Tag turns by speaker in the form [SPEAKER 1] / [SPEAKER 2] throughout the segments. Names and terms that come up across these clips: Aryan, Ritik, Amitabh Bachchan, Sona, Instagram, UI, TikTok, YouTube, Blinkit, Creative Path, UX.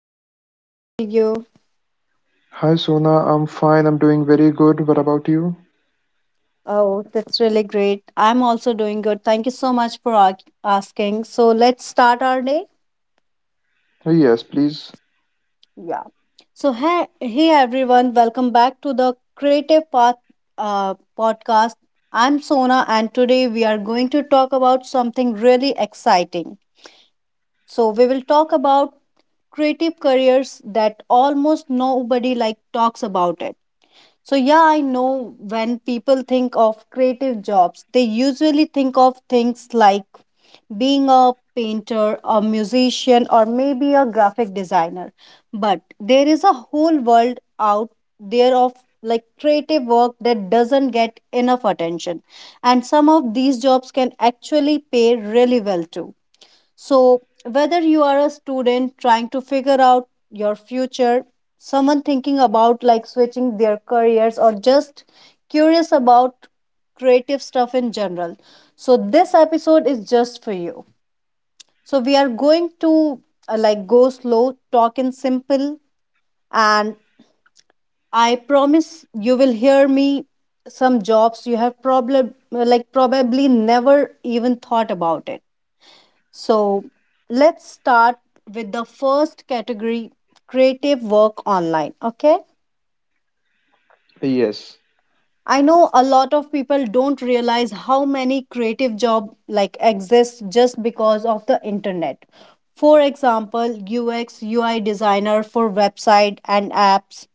[SPEAKER 1] podcast. How are you?
[SPEAKER 2] Hi Sona, I'm fine. I'm doing very good. What about you?
[SPEAKER 1] Oh, that's really great. I'm also doing good. Thank you so much for asking. So, let's start our day.
[SPEAKER 2] Yes, please.
[SPEAKER 1] Yeah. So, hey everyone. Welcome back to the Creative Path uh, podcast. I'm Sona, and today we are going to talk about something really exciting. So, we will talk about creative careers that almost nobody like talks about it. So, yeah, I know when people think of creative jobs, they usually think of things like being a painter, a musician, or maybe a graphic designer. But there is a whole world out there of like creative work that doesn't get enough attention. And some of these jobs can actually pay really well too. So, whether you are a student trying to figure out your future, someone thinking about like switching their careers, or just curious about creative stuff in general, so this episode is just for you. So, we are going to like go slow, talk in simple, and I promise you will hear me some jobs you have probably never even thought about it. So let's start with the first category, creative work online. Okay.
[SPEAKER 2] Yes.
[SPEAKER 1] I know a lot of people don't realize how many creative job like exist just because of the internet. For example, UX UI designer for website and apps.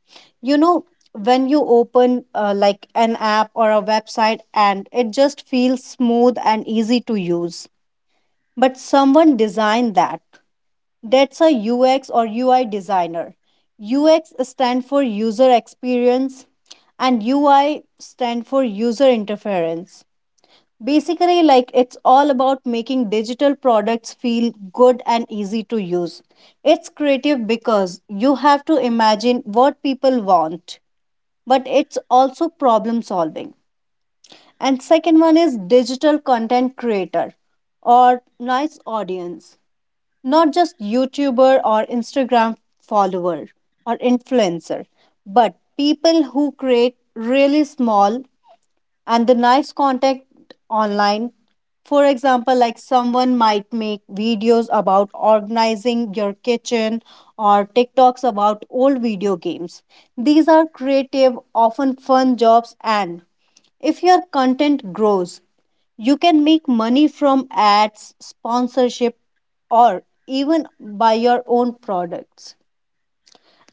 [SPEAKER 1] You know, when you open like an app or a website and it just feels smooth and easy to use. But someone designed that. That's a UX or UI designer. UX stand for user experience and UI stand for user interference. Basically like it's all about making digital products feel good and easy to use. It's creative because you have to imagine what people want, but it's also problem solving. And second one is digital content creator or nice audience, not just YouTuber or Instagram follower or influencer, but people who create really small and the nice contact online. For example, like someone might make videos about organizing your kitchen or TikToks about old video games. These are creative, often fun jobs, and if your content grows, you can make money from ads, sponsorship, or even buy your own products.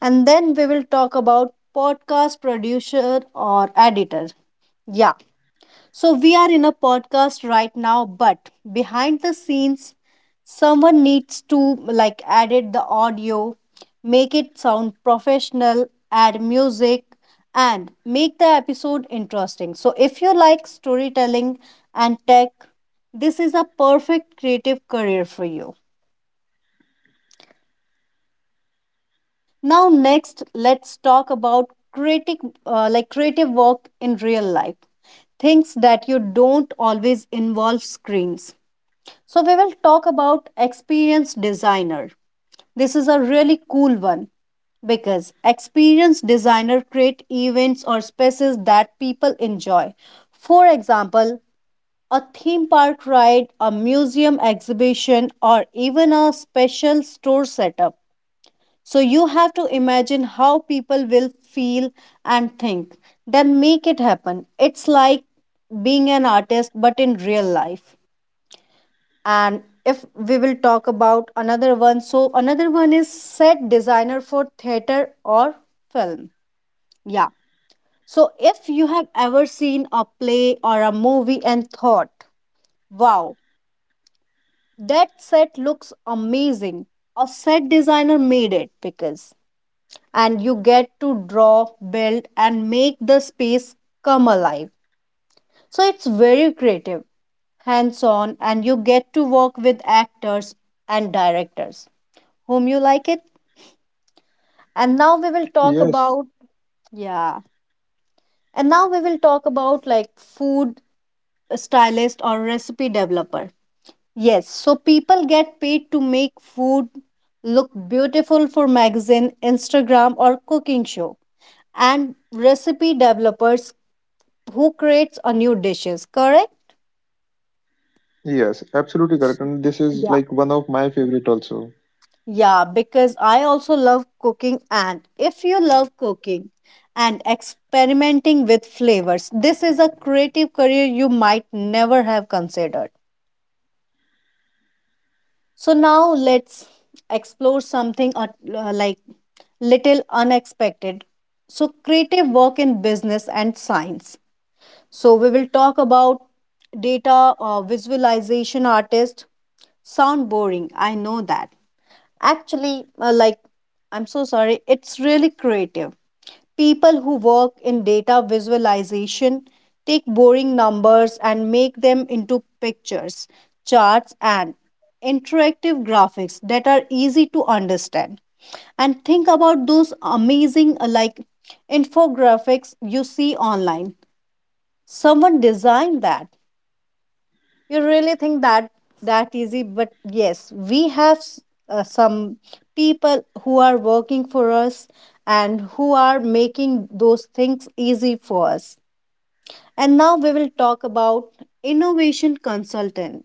[SPEAKER 1] And then we will talk about podcast producer or editor. Yeah, so we are in a podcast right now, but behind the scenes, someone needs to like edit the audio, make it sound professional, add music, and make the episode interesting. So, if you like storytelling and tech, this is a perfect creative career for you. Now, next, let's talk about creative, like creative work in real life, things that you don't always involve screens. So, we will talk about experienced designer. This is a really cool one because experienced designer create events or spaces that people enjoy. For example, a theme park ride, a museum exhibition, or even a special store setup. So, you have to imagine how people will feel and think, then make it happen. It's like being an artist, but in real life. And if we will talk about another one, so another one is set designer for theater or film. Yeah, so if you have ever seen a play or a movie and thought wow, that set looks amazing, a set designer made it, because and you get to draw, build and make the space come alive. So it's very creative, hands on, and you get to work with actors and directors whom you like it. And now we will talk
[SPEAKER 2] Yes.
[SPEAKER 1] about, yeah, and now we will talk about like food stylist or recipe developer. Yes, so people get paid to make food look beautiful for magazine, Instagram, or cooking show. And recipe developers who creates a new dishes, correct?
[SPEAKER 2] Yes, absolutely correct. And this is like one of my favorite also.
[SPEAKER 1] Yeah, because I also love cooking, and if you love cooking and experimenting with flavors, this is a creative career you might never have considered. So now let's explore something like little unexpected. So creative work in business and science. So we will talk about data visualization artist. Sound boring, I know that. Actually, like, I'm so sorry, it's really creative. People who work in data visualization take boring numbers and make them into pictures, charts, and interactive graphics that are easy to understand. And think about those amazing, like, infographics you see online. Someone designed that. You really think that that easy, but yes, we have some people who are working for us and who are making those things easy for us. And now we will talk about innovation consultant.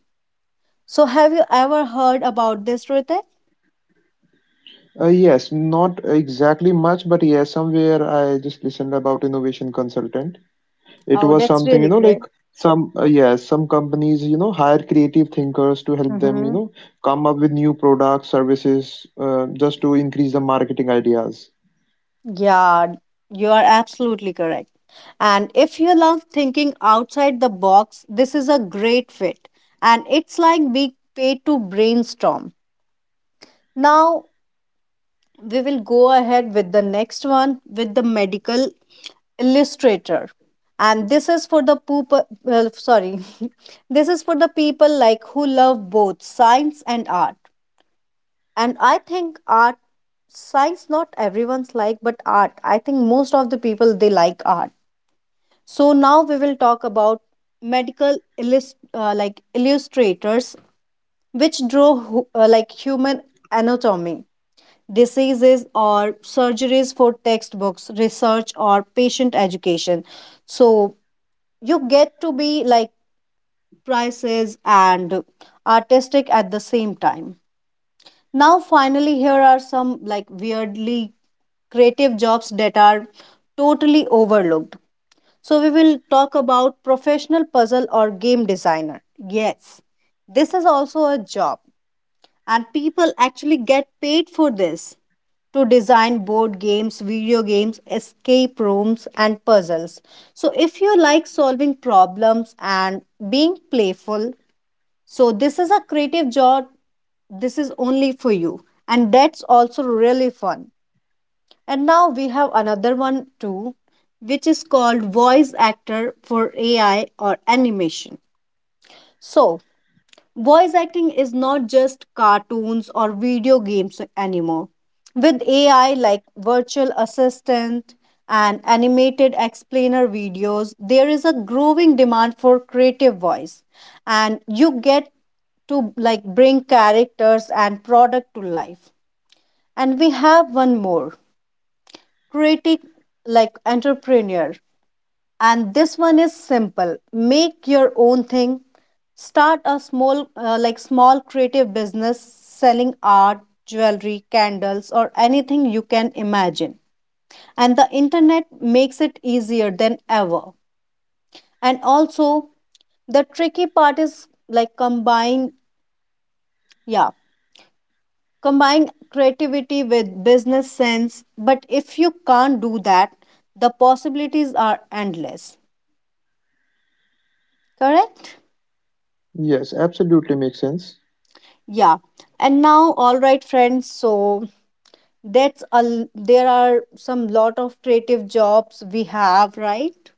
[SPEAKER 1] So, have you ever heard about this, Ritik?
[SPEAKER 2] Yes, not exactly much, but yes, somewhere I just listened about innovation consultant. It
[SPEAKER 1] Oh,
[SPEAKER 2] was
[SPEAKER 1] that's
[SPEAKER 2] something, you
[SPEAKER 1] really
[SPEAKER 2] know, like
[SPEAKER 1] great.
[SPEAKER 2] some, uh, yes, some companies, hire creative thinkers to help them,
[SPEAKER 1] Mm-hmm.
[SPEAKER 2] come up with new products, services, just to increase the marketing ideas.
[SPEAKER 1] Yeah, you are absolutely correct. And if you love thinking outside the box, this is a great fit. And it's like being paid to brainstorm. Now, we will go ahead with the next one with the medical illustrator. And this is for the poop, well, sorry, this is for the people like who love both science and art. And I think art, science, not everyone's like, but art. I think most of the people they like art. So now we will talk about medical like illustrators, which draw like human anatomy, diseases or surgeries for textbooks, research or patient education. So you get to be like prices and artistic at the same time. Now finally here are some like weirdly creative jobs that are totally overlooked. So, we will talk about professional puzzle or game designer. Yes, this is also a job, and people actually get paid for this to design board games, video games, escape rooms, and puzzles. So, if you like solving problems and being playful, so this is a creative job, this is only for you, and that's also really fun. And now we have another one too, which is called voice actor for AI or animation. So, voice acting is not just cartoons or video games anymore. With AI like virtual assistant and animated explainer videos, there is a growing demand for creative voice, and you get to like bring characters and product to life. And we have one more creative, like entrepreneur, and this one is simple, make your own thing, start a small like small creative business selling art, jewelry, candles, or anything you can imagine, and the internet makes it easier than ever. And also the tricky part is like combine, yeah, combine creativity with business sense, but if you can't do that the possibilities are endless, correct?
[SPEAKER 2] Yes, absolutely makes sense.
[SPEAKER 1] Yeah. And now, all right friends, so that's there are some lot of creative jobs we have, right?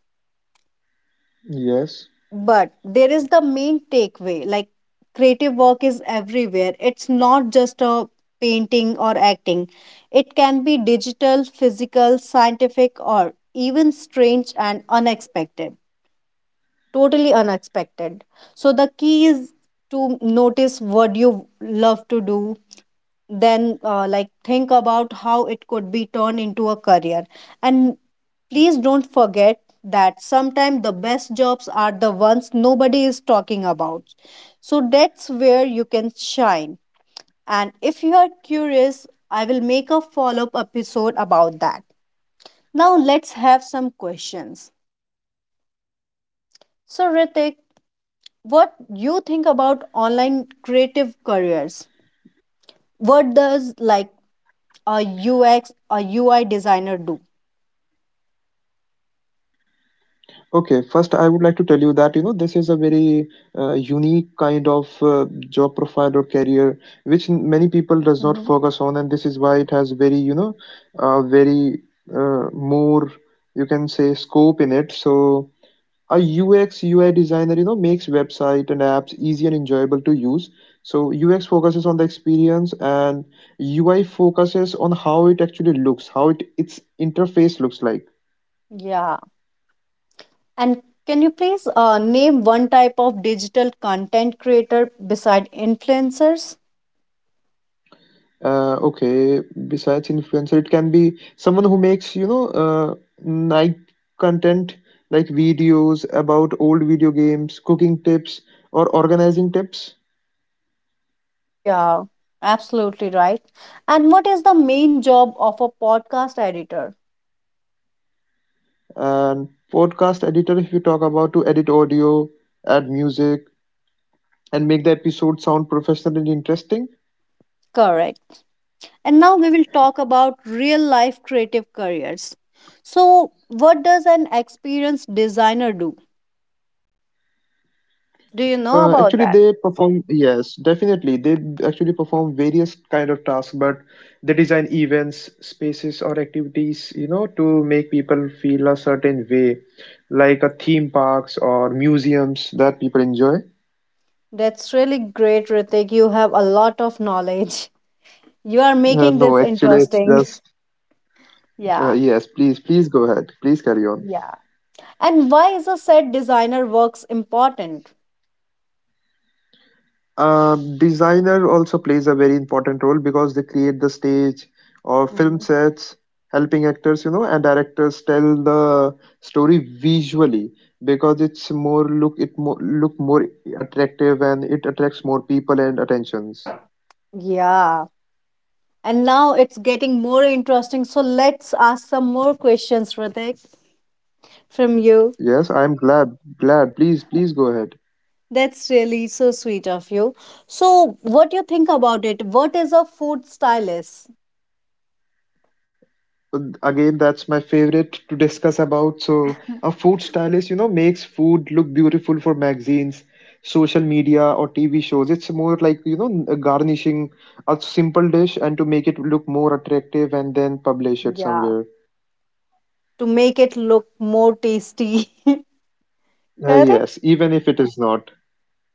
[SPEAKER 2] Yes.
[SPEAKER 1] But there is the main takeaway, like creative work is everywhere. It's not just a painting or acting, it can be digital, physical, scientific, or even strange and unexpected, totally unexpected. So the key is to notice what you love to do, then like think about how it could be turned into a career. And please don't forget that sometimes the best jobs are the ones nobody is talking about. So that's where you can shine. And if you are curious, I will make a follow up episode about that. Now let's have some questions. So Ritik,
[SPEAKER 2] Okay, yes, please go ahead.
[SPEAKER 1] what you think about online creative careers? What does like a UX a UI designer do?
[SPEAKER 2] Okay, first I would like to tell you that this is a very unique kind of job profile or career which many people does not
[SPEAKER 1] Mhm.
[SPEAKER 2] focus on, and this is why it has very very more you can say scope in it. So a UX UI designer makes website and apps easy and enjoyable to use. So UX focuses on the experience and UI focuses on how it actually looks, how it its interface looks like.
[SPEAKER 1] Yeah. And can you please name one type of digital content creator beside influencers?
[SPEAKER 2] Okay, besides influencer, it can be someone who makes, night content like videos about old video games, cooking tips, or organizing tips.
[SPEAKER 1] Yeah, absolutely right. And what is the main job of a podcast editor?
[SPEAKER 2] And podcast editor, if you talk about to edit audio, add music, and make the episode sound professional and interesting.
[SPEAKER 1] Correct. And now we will talk about real life creative careers. So, what does an experienced designer do? Do you know
[SPEAKER 2] Uh,
[SPEAKER 1] about
[SPEAKER 2] actually,
[SPEAKER 1] that?
[SPEAKER 2] they perform, yes, definitely. They actually perform various kind of tasks, but they design events, spaces, or activities, to make people feel a certain way, like a theme parks or museums that people enjoy.
[SPEAKER 1] That's really great, Ritik. You have a lot of knowledge. You are
[SPEAKER 2] Uh,
[SPEAKER 1] making
[SPEAKER 2] no,
[SPEAKER 1] this
[SPEAKER 2] actually, it's
[SPEAKER 1] interesting.
[SPEAKER 2] just, uh,
[SPEAKER 1] Yeah.
[SPEAKER 2] yes, please, please go ahead. Please carry on.
[SPEAKER 1] Yeah. And why is a set designer works important?
[SPEAKER 2] Designer also plays a very important role because they create the stage or film
[SPEAKER 1] Mhm.
[SPEAKER 2] sets, helping actors, and directors tell the story visually because it more look more attractive and it attracts more people and attentions.
[SPEAKER 1] Yeah. And now it's getting more interesting. So let's ask some more questions, Ritik, from you.
[SPEAKER 2] Yes, I'm glad. Please please go ahead.
[SPEAKER 1] That's really so sweet of you. So, what do you think about it? What is a food stylist?
[SPEAKER 2] Again, that's my favorite to discuss about. So a food stylist makes food look beautiful for magazines, social media, or TV shows. It's more like garnishing a simple dish and to make it look more attractive and then publish it
[SPEAKER 1] Yeah.
[SPEAKER 2] somewhere.
[SPEAKER 1] To make it look more tasty.
[SPEAKER 2] uh,
[SPEAKER 1] Correct?
[SPEAKER 2] yes even if it is not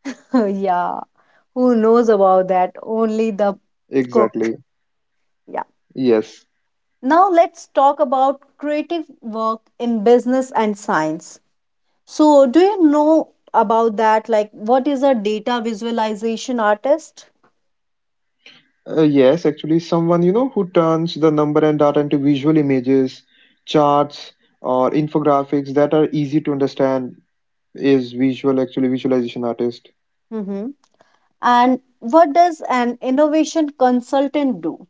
[SPEAKER 1] Yeah. Who knows about that? Only the cook.
[SPEAKER 2] exactly
[SPEAKER 1] Yeah.
[SPEAKER 2] yes.
[SPEAKER 1] Now let's talk about creative work in business and science. So, do you know about that? Like, what is a data visualization artist?
[SPEAKER 2] Yes, actually someone who turns the number and data into visual images, charts, or infographics that are easy to understand is visual, actually, visualization artist.
[SPEAKER 1] Mm-hmm. And what does an innovation consultant do?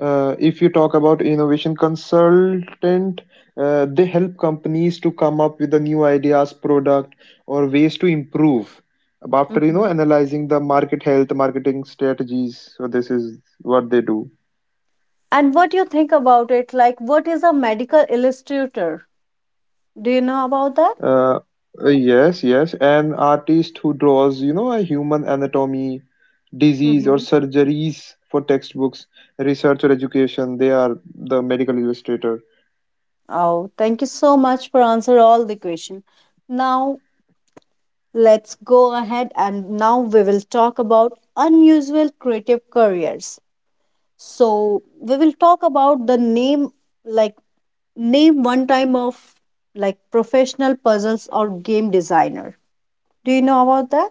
[SPEAKER 2] If you talk about innovation consultant, they help companies to come up with the new ideas, product, or ways to improve after
[SPEAKER 1] Mm-hmm.
[SPEAKER 2] analyzing the market health, marketing strategies. So this is what they do.
[SPEAKER 1] And what do you think about it? Like, what is a medical illustrator? Do you know about that?
[SPEAKER 2] uh, yes, yes, an artist who draws a human anatomy, disease, or
[SPEAKER 1] Mm-hmm.
[SPEAKER 2] surgeries for textbooks, research, or education, they are the medical illustrator.
[SPEAKER 1] Oh, thank you so much for answer all the question. Now let's go ahead, and now we will talk about unusual creative careers. So we will talk about the name like, name one time of like professional puzzles or game designer. Do you know about that?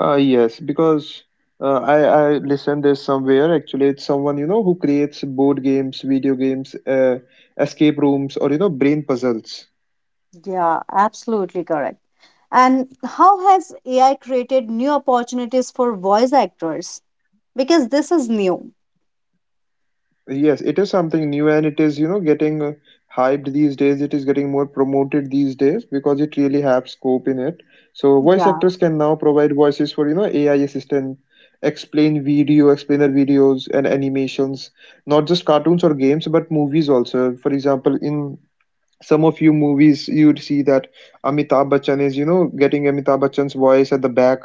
[SPEAKER 2] Yes, because I listened this somewhere. Actually, it's someone who creates board games, video games, escape rooms, or brain puzzles.
[SPEAKER 1] Yeah, absolutely correct. And how has AI created new opportunities for voice actors? Because this is new.
[SPEAKER 2] Yes, it is something new, and it is getting hyped these days. It is getting more promoted these days because it really has scope in it. So voice
[SPEAKER 1] Yeah.
[SPEAKER 2] actors can now provide voices for AI assistant, explain video, explainer videos, and animations, not just cartoons or games, but movies also. For example, in some of you movies you'd see that Amitabh Bachchan is getting Amitabh Bachchan's voice at the back,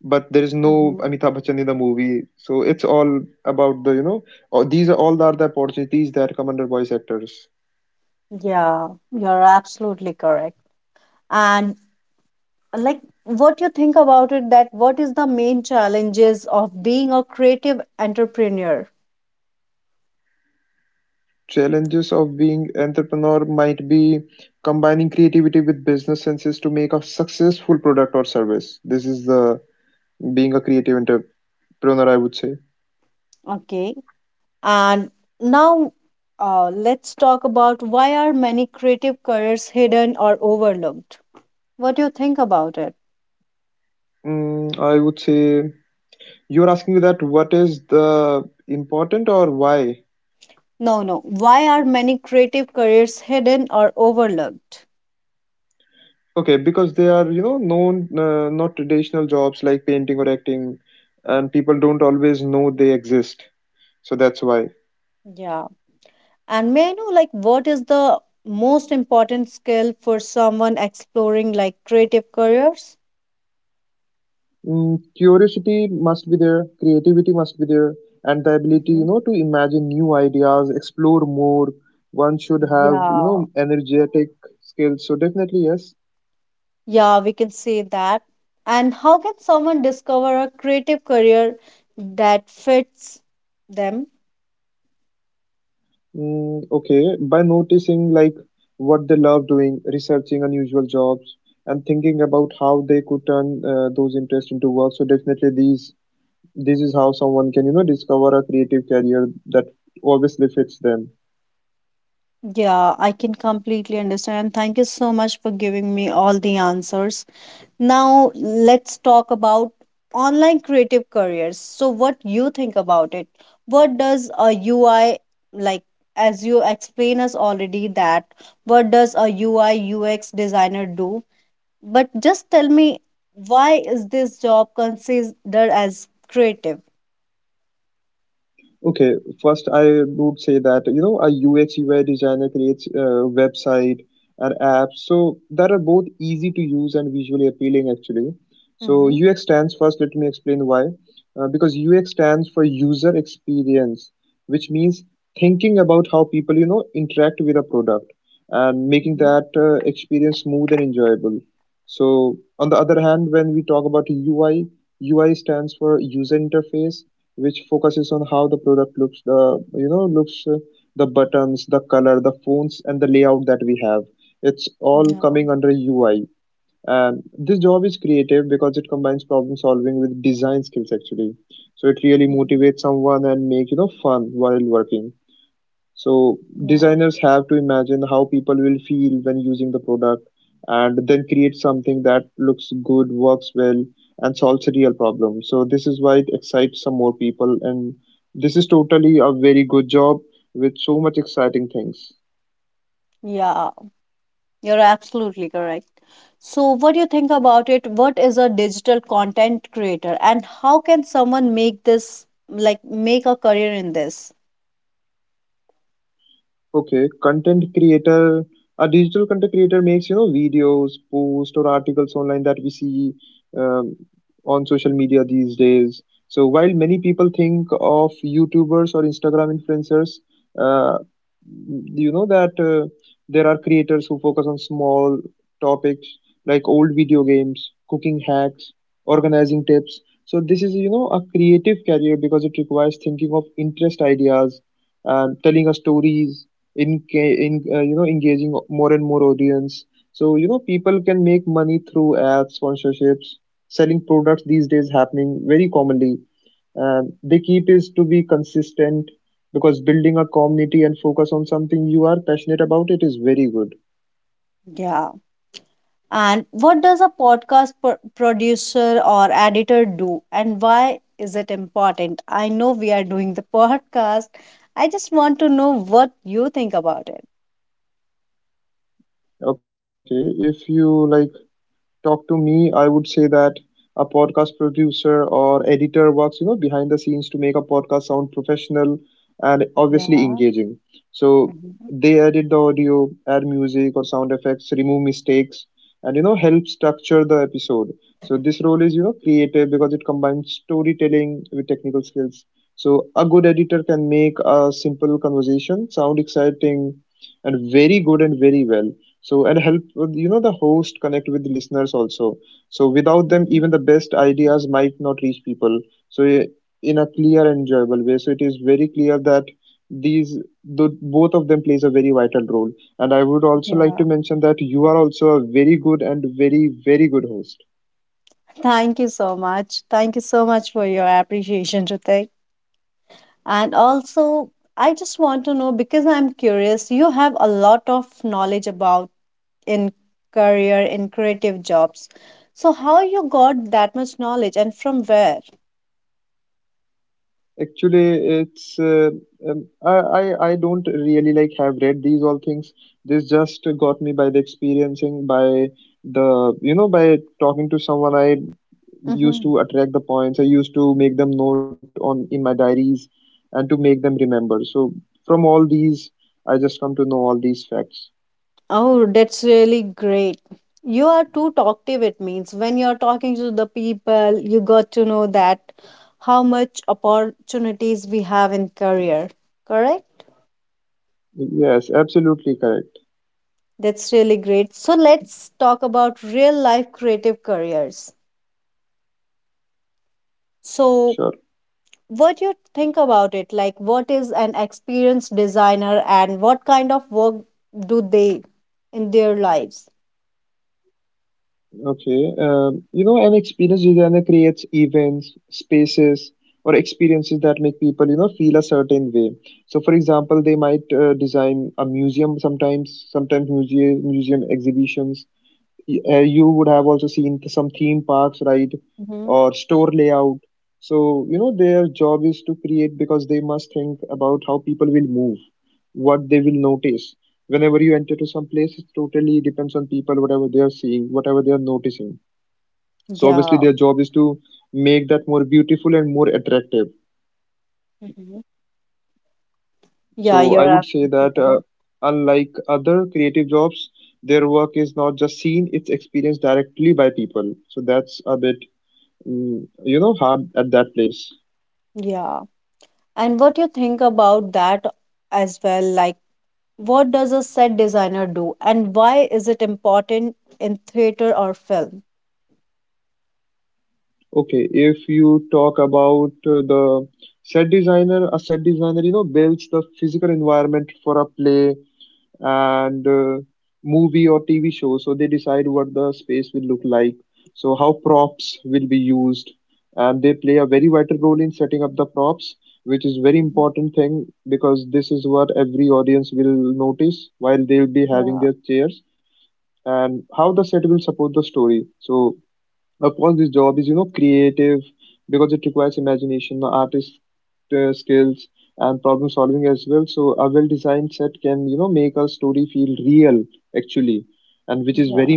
[SPEAKER 2] but there is no
[SPEAKER 1] Hmm.
[SPEAKER 2] Amitabh Bachchan in the movie. So it's all about the or these are all are the opportunities that come under voice actors.
[SPEAKER 1] Yeah, you're absolutely correct. And like what you think about it, that what is the main challenges of being a creative entrepreneur?
[SPEAKER 2] Challenges of being entrepreneur might be combining creativity with business senses to make a successful product or service. This is the being a creative entrepreneur, I would say.
[SPEAKER 1] Okay. And now Let's talk about why are many creative careers hidden or overlooked. What do you think about it?
[SPEAKER 2] I would say you're asking me that what is the important or why.
[SPEAKER 1] No, no. Why are many creative careers hidden or overlooked?
[SPEAKER 2] Okay, because they are, known not traditional jobs like painting or acting, and people don't always know they exist. So that's why.
[SPEAKER 1] Yeah. And may I know, like, what is the most important skill for someone exploring like creative careers?
[SPEAKER 2] Mm, curiosity must be there, creativity must be there, and the ability,
[SPEAKER 1] Mhm.
[SPEAKER 2] to imagine new ideas, explore more. One should have,
[SPEAKER 1] Yeah.
[SPEAKER 2] energetic skills. So definitely yes.
[SPEAKER 1] Yeah, we can say that. And how can someone discover a creative career that fits them?
[SPEAKER 2] Mm, okay, by noticing like what they love doing, researching unusual jobs, and thinking about how they could turn those interests into work. So definitely these this is how someone can discover a creative career that obviously fits them.
[SPEAKER 1] Yeah, I can completely understand. Thank you so much for giving me all the answers. Now, let's talk about online creative careers. So, what you think about it? What does a UI, like as you explain us already, that what does a UI UX designer do? But just tell me why is this job considered as creative? Mm-hmm. Mhm. Yeah. Mhm. Yeah. Yeah. You're absolutely correct. So, what do you think about it? What is a digital content creator, and how can someone make this, like, make a career in this? Yeah. And what does a podcast producer or editor do, and why is it important? I know we are doing the podcast. I just want to know what you think about it. Yeah. Mhm. Mhm. Yeah. Thank you so much. Thank you so much for your appreciation, Ritik. And also, I just want to know, because I'm curious, you have a lot of knowledge about in career in creative jobs. So how you got that much knowledge and from where? hmm Oh, that's really great. You are too talkative, it means. When you're talking to the people, you got to know that how much opportunities we have in career, correct? That's really great. So let's talk about real life creative careers. So what you think about it, like what is an experienced designer and what kind of work do they in their lives? hmm yeah. hmm yeah, you're absolutely correct. Yeah. And what you think about that as well, like what does a set designer do and why is it important in theater or film? Mhm. Yeah. Yeah,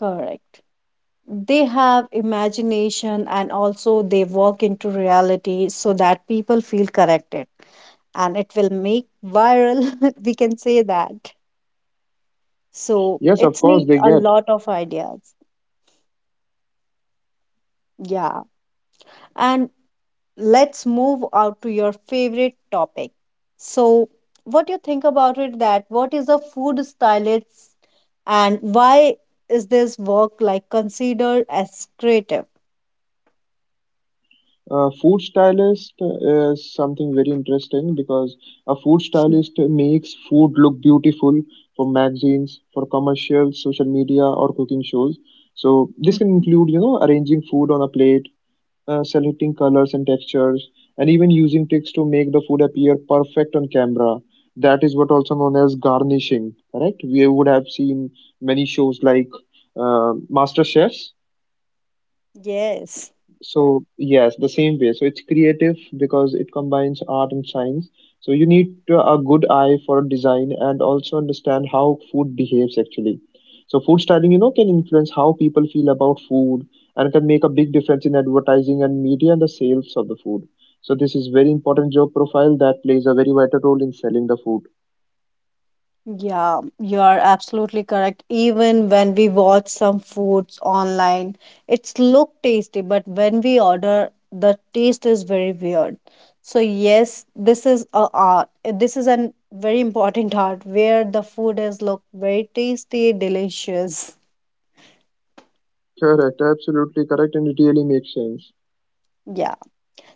[SPEAKER 1] correct, they have imagination and also they walk into reality so that people feel corrected and it will make viral, we can say that, so it's need a lot of ideas. Yeah. And let's move out to your favorite topic. So what do you think about it, that what is a food stylist and why is this work like considered as creative? Mhm. Yes. Yeah, you are absolutely correct. Even when we watch some foods online, it's look tasty, but when we order, the taste is very weird. So yes, this is a art. This is an very important art where the food is look very tasty, delicious. Yeah.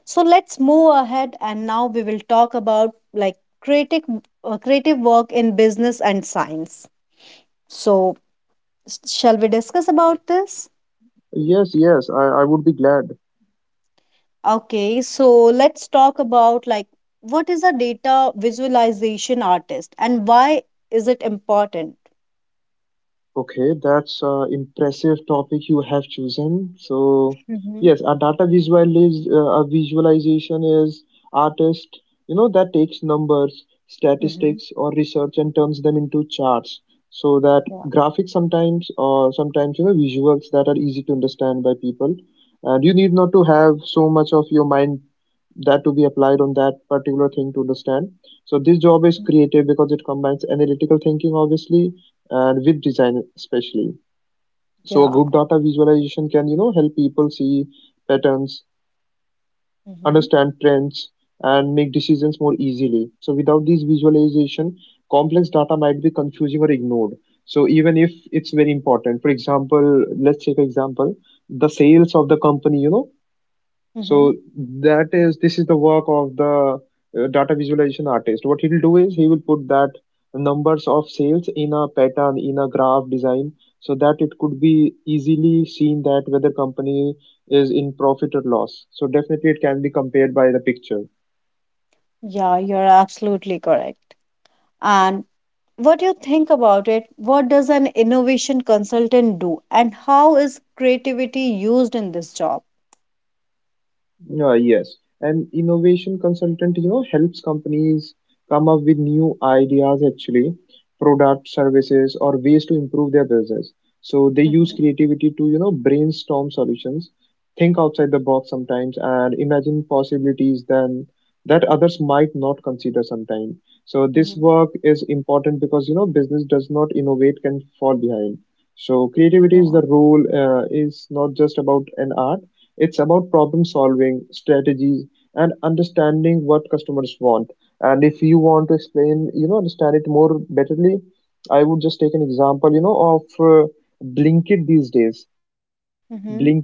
[SPEAKER 1] So let's move ahead and now we will talk about like creative work in business and science. So shall we discuss about this? Okay, so let's talk about like what is a data visualization artist and why is it important? Mm-hmm. Mm-hmm. Yeah. Yeah. Mm-hmm. Mm-hmm. Yeah, you're absolutely correct. And what do you think about it? What does an innovation consultant do, and how is creativity used in this job? Mm-hmm. Mm-hmm. Yeah. Mm-hmm.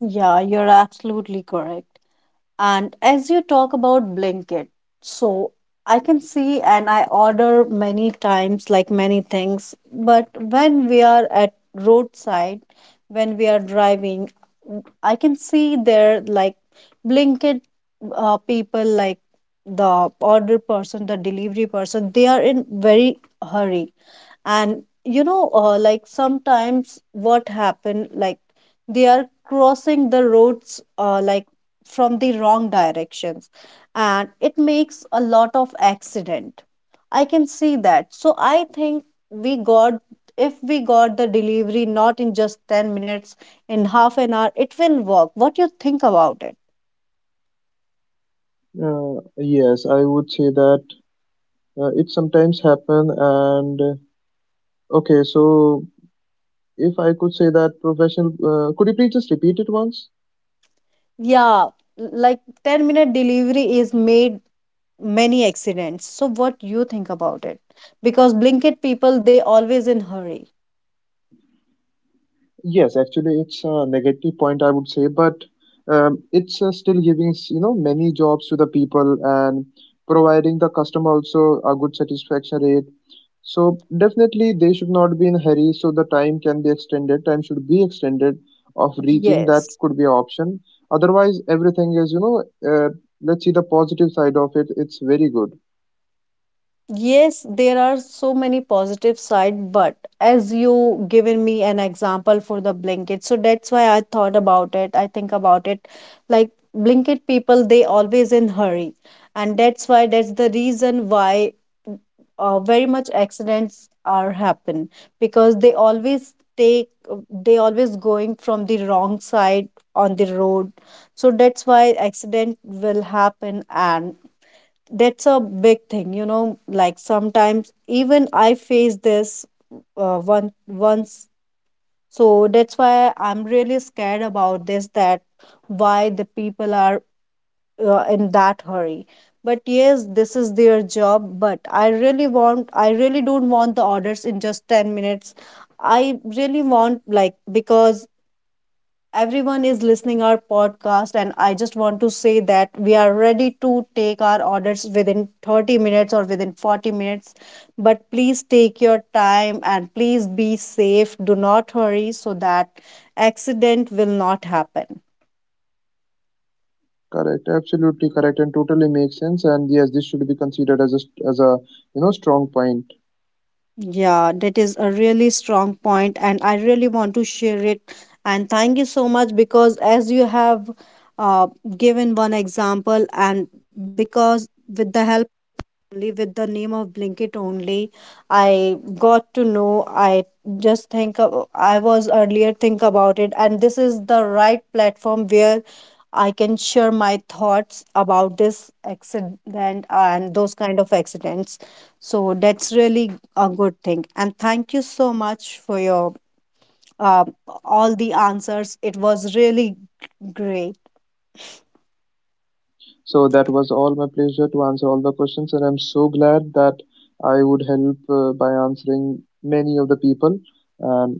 [SPEAKER 1] Yeah, you're absolutely correct. And as you talk about Blinkit, so I can see and I order many times, like many things. But when we are at roadside, when we are driving, I can see there like Blinkit people, like the order person, the delivery person, they are in very hurry. And you know, like sometimes what happen, like they are crossing the roads like from the wrong directions, and it makes a lot of accident, I can see that. So I think we got, if we got the delivery not in just 10 minutes, in half an hour it will work. What you think about it? Yeah, like 10-minute delivery is made many accidents. So what you think about it? Because Blinkit people, they always in hurry. Yes. Yes, there are so many positive side, but as you given me an example for the Blinkit, so that's why I thought about it. I think about it like Blinkit people, they always in hurry. And that's why, that's the reason why very much accidents are happen, because they always take, they always going from the wrong side on the road, so that's why accident will happen. And that's a big thing, you know, like sometimes even I face this one once. So that's why I'm really scared about this, that why the people are in that hurry. But yes, this is their job, but I really want, I really don't want the orders in just 10 minutes. I really want like, because everyone is listening our podcast, and I just want to say that we are ready to take our orders within 30 minutes or within 40 minutes, but please take your time and please be safe, do not hurry, so that accident will not happen. Yeah, that is a really strong point, and I really want to share it. And thank you so much, because as you have uh, given one example, and because with the help only with the name of Blinkit only, I got to know. I just think of, I was earlier think about it, and this is the right platform where I can share my thoughts about this accident and those kind of accidents. So that's really a good thing. And thank you so much for your uh, all the answers. It was really great.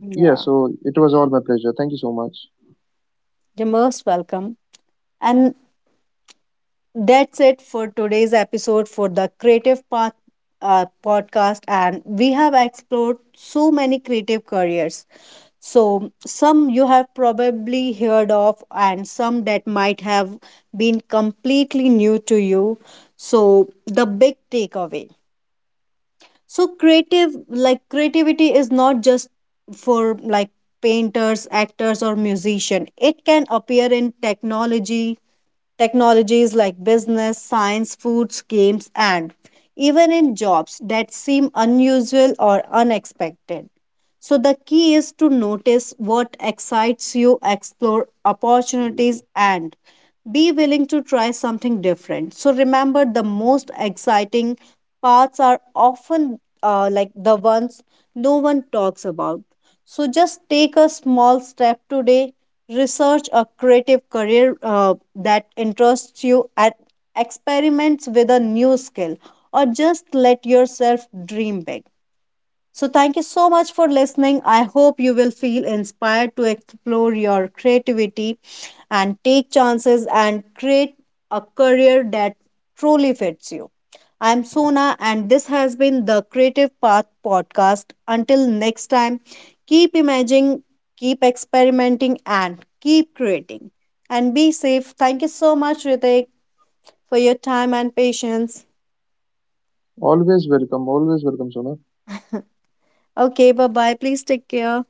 [SPEAKER 1] Yeah, you're most welcome. And that's it for today's episode for the Creative Path podcast. And we have explored so many creative careers. So, some you have probably heard of, and some that might have been completely new to you. So, the big takeaway, so creative, like creativity is not just for like painters, actors or musician, it can appear in technology, technologies like business, science, foods, games, and even in jobs that seem unusual or unexpected. So, the key is to notice what excites you, explore opportunities, and be willing to try something different. So, remember the most exciting parts are often like the ones no one talks about. So, just take a small step today, research a creative career that interests you, and experiments with a new skill, or just let yourself dream big. So, thank you so much for listening. I hope you will feel inspired to explore your creativity and take chances and create a career that truly fits you. I'm Sona, and this has been the Creative Path Podcast. Until next time, keep imagining, keep experimenting, and keep creating. And be safe. Thank you so much, Ritik, for your time and patience. Okay, bye bye. Please take care. Yeah.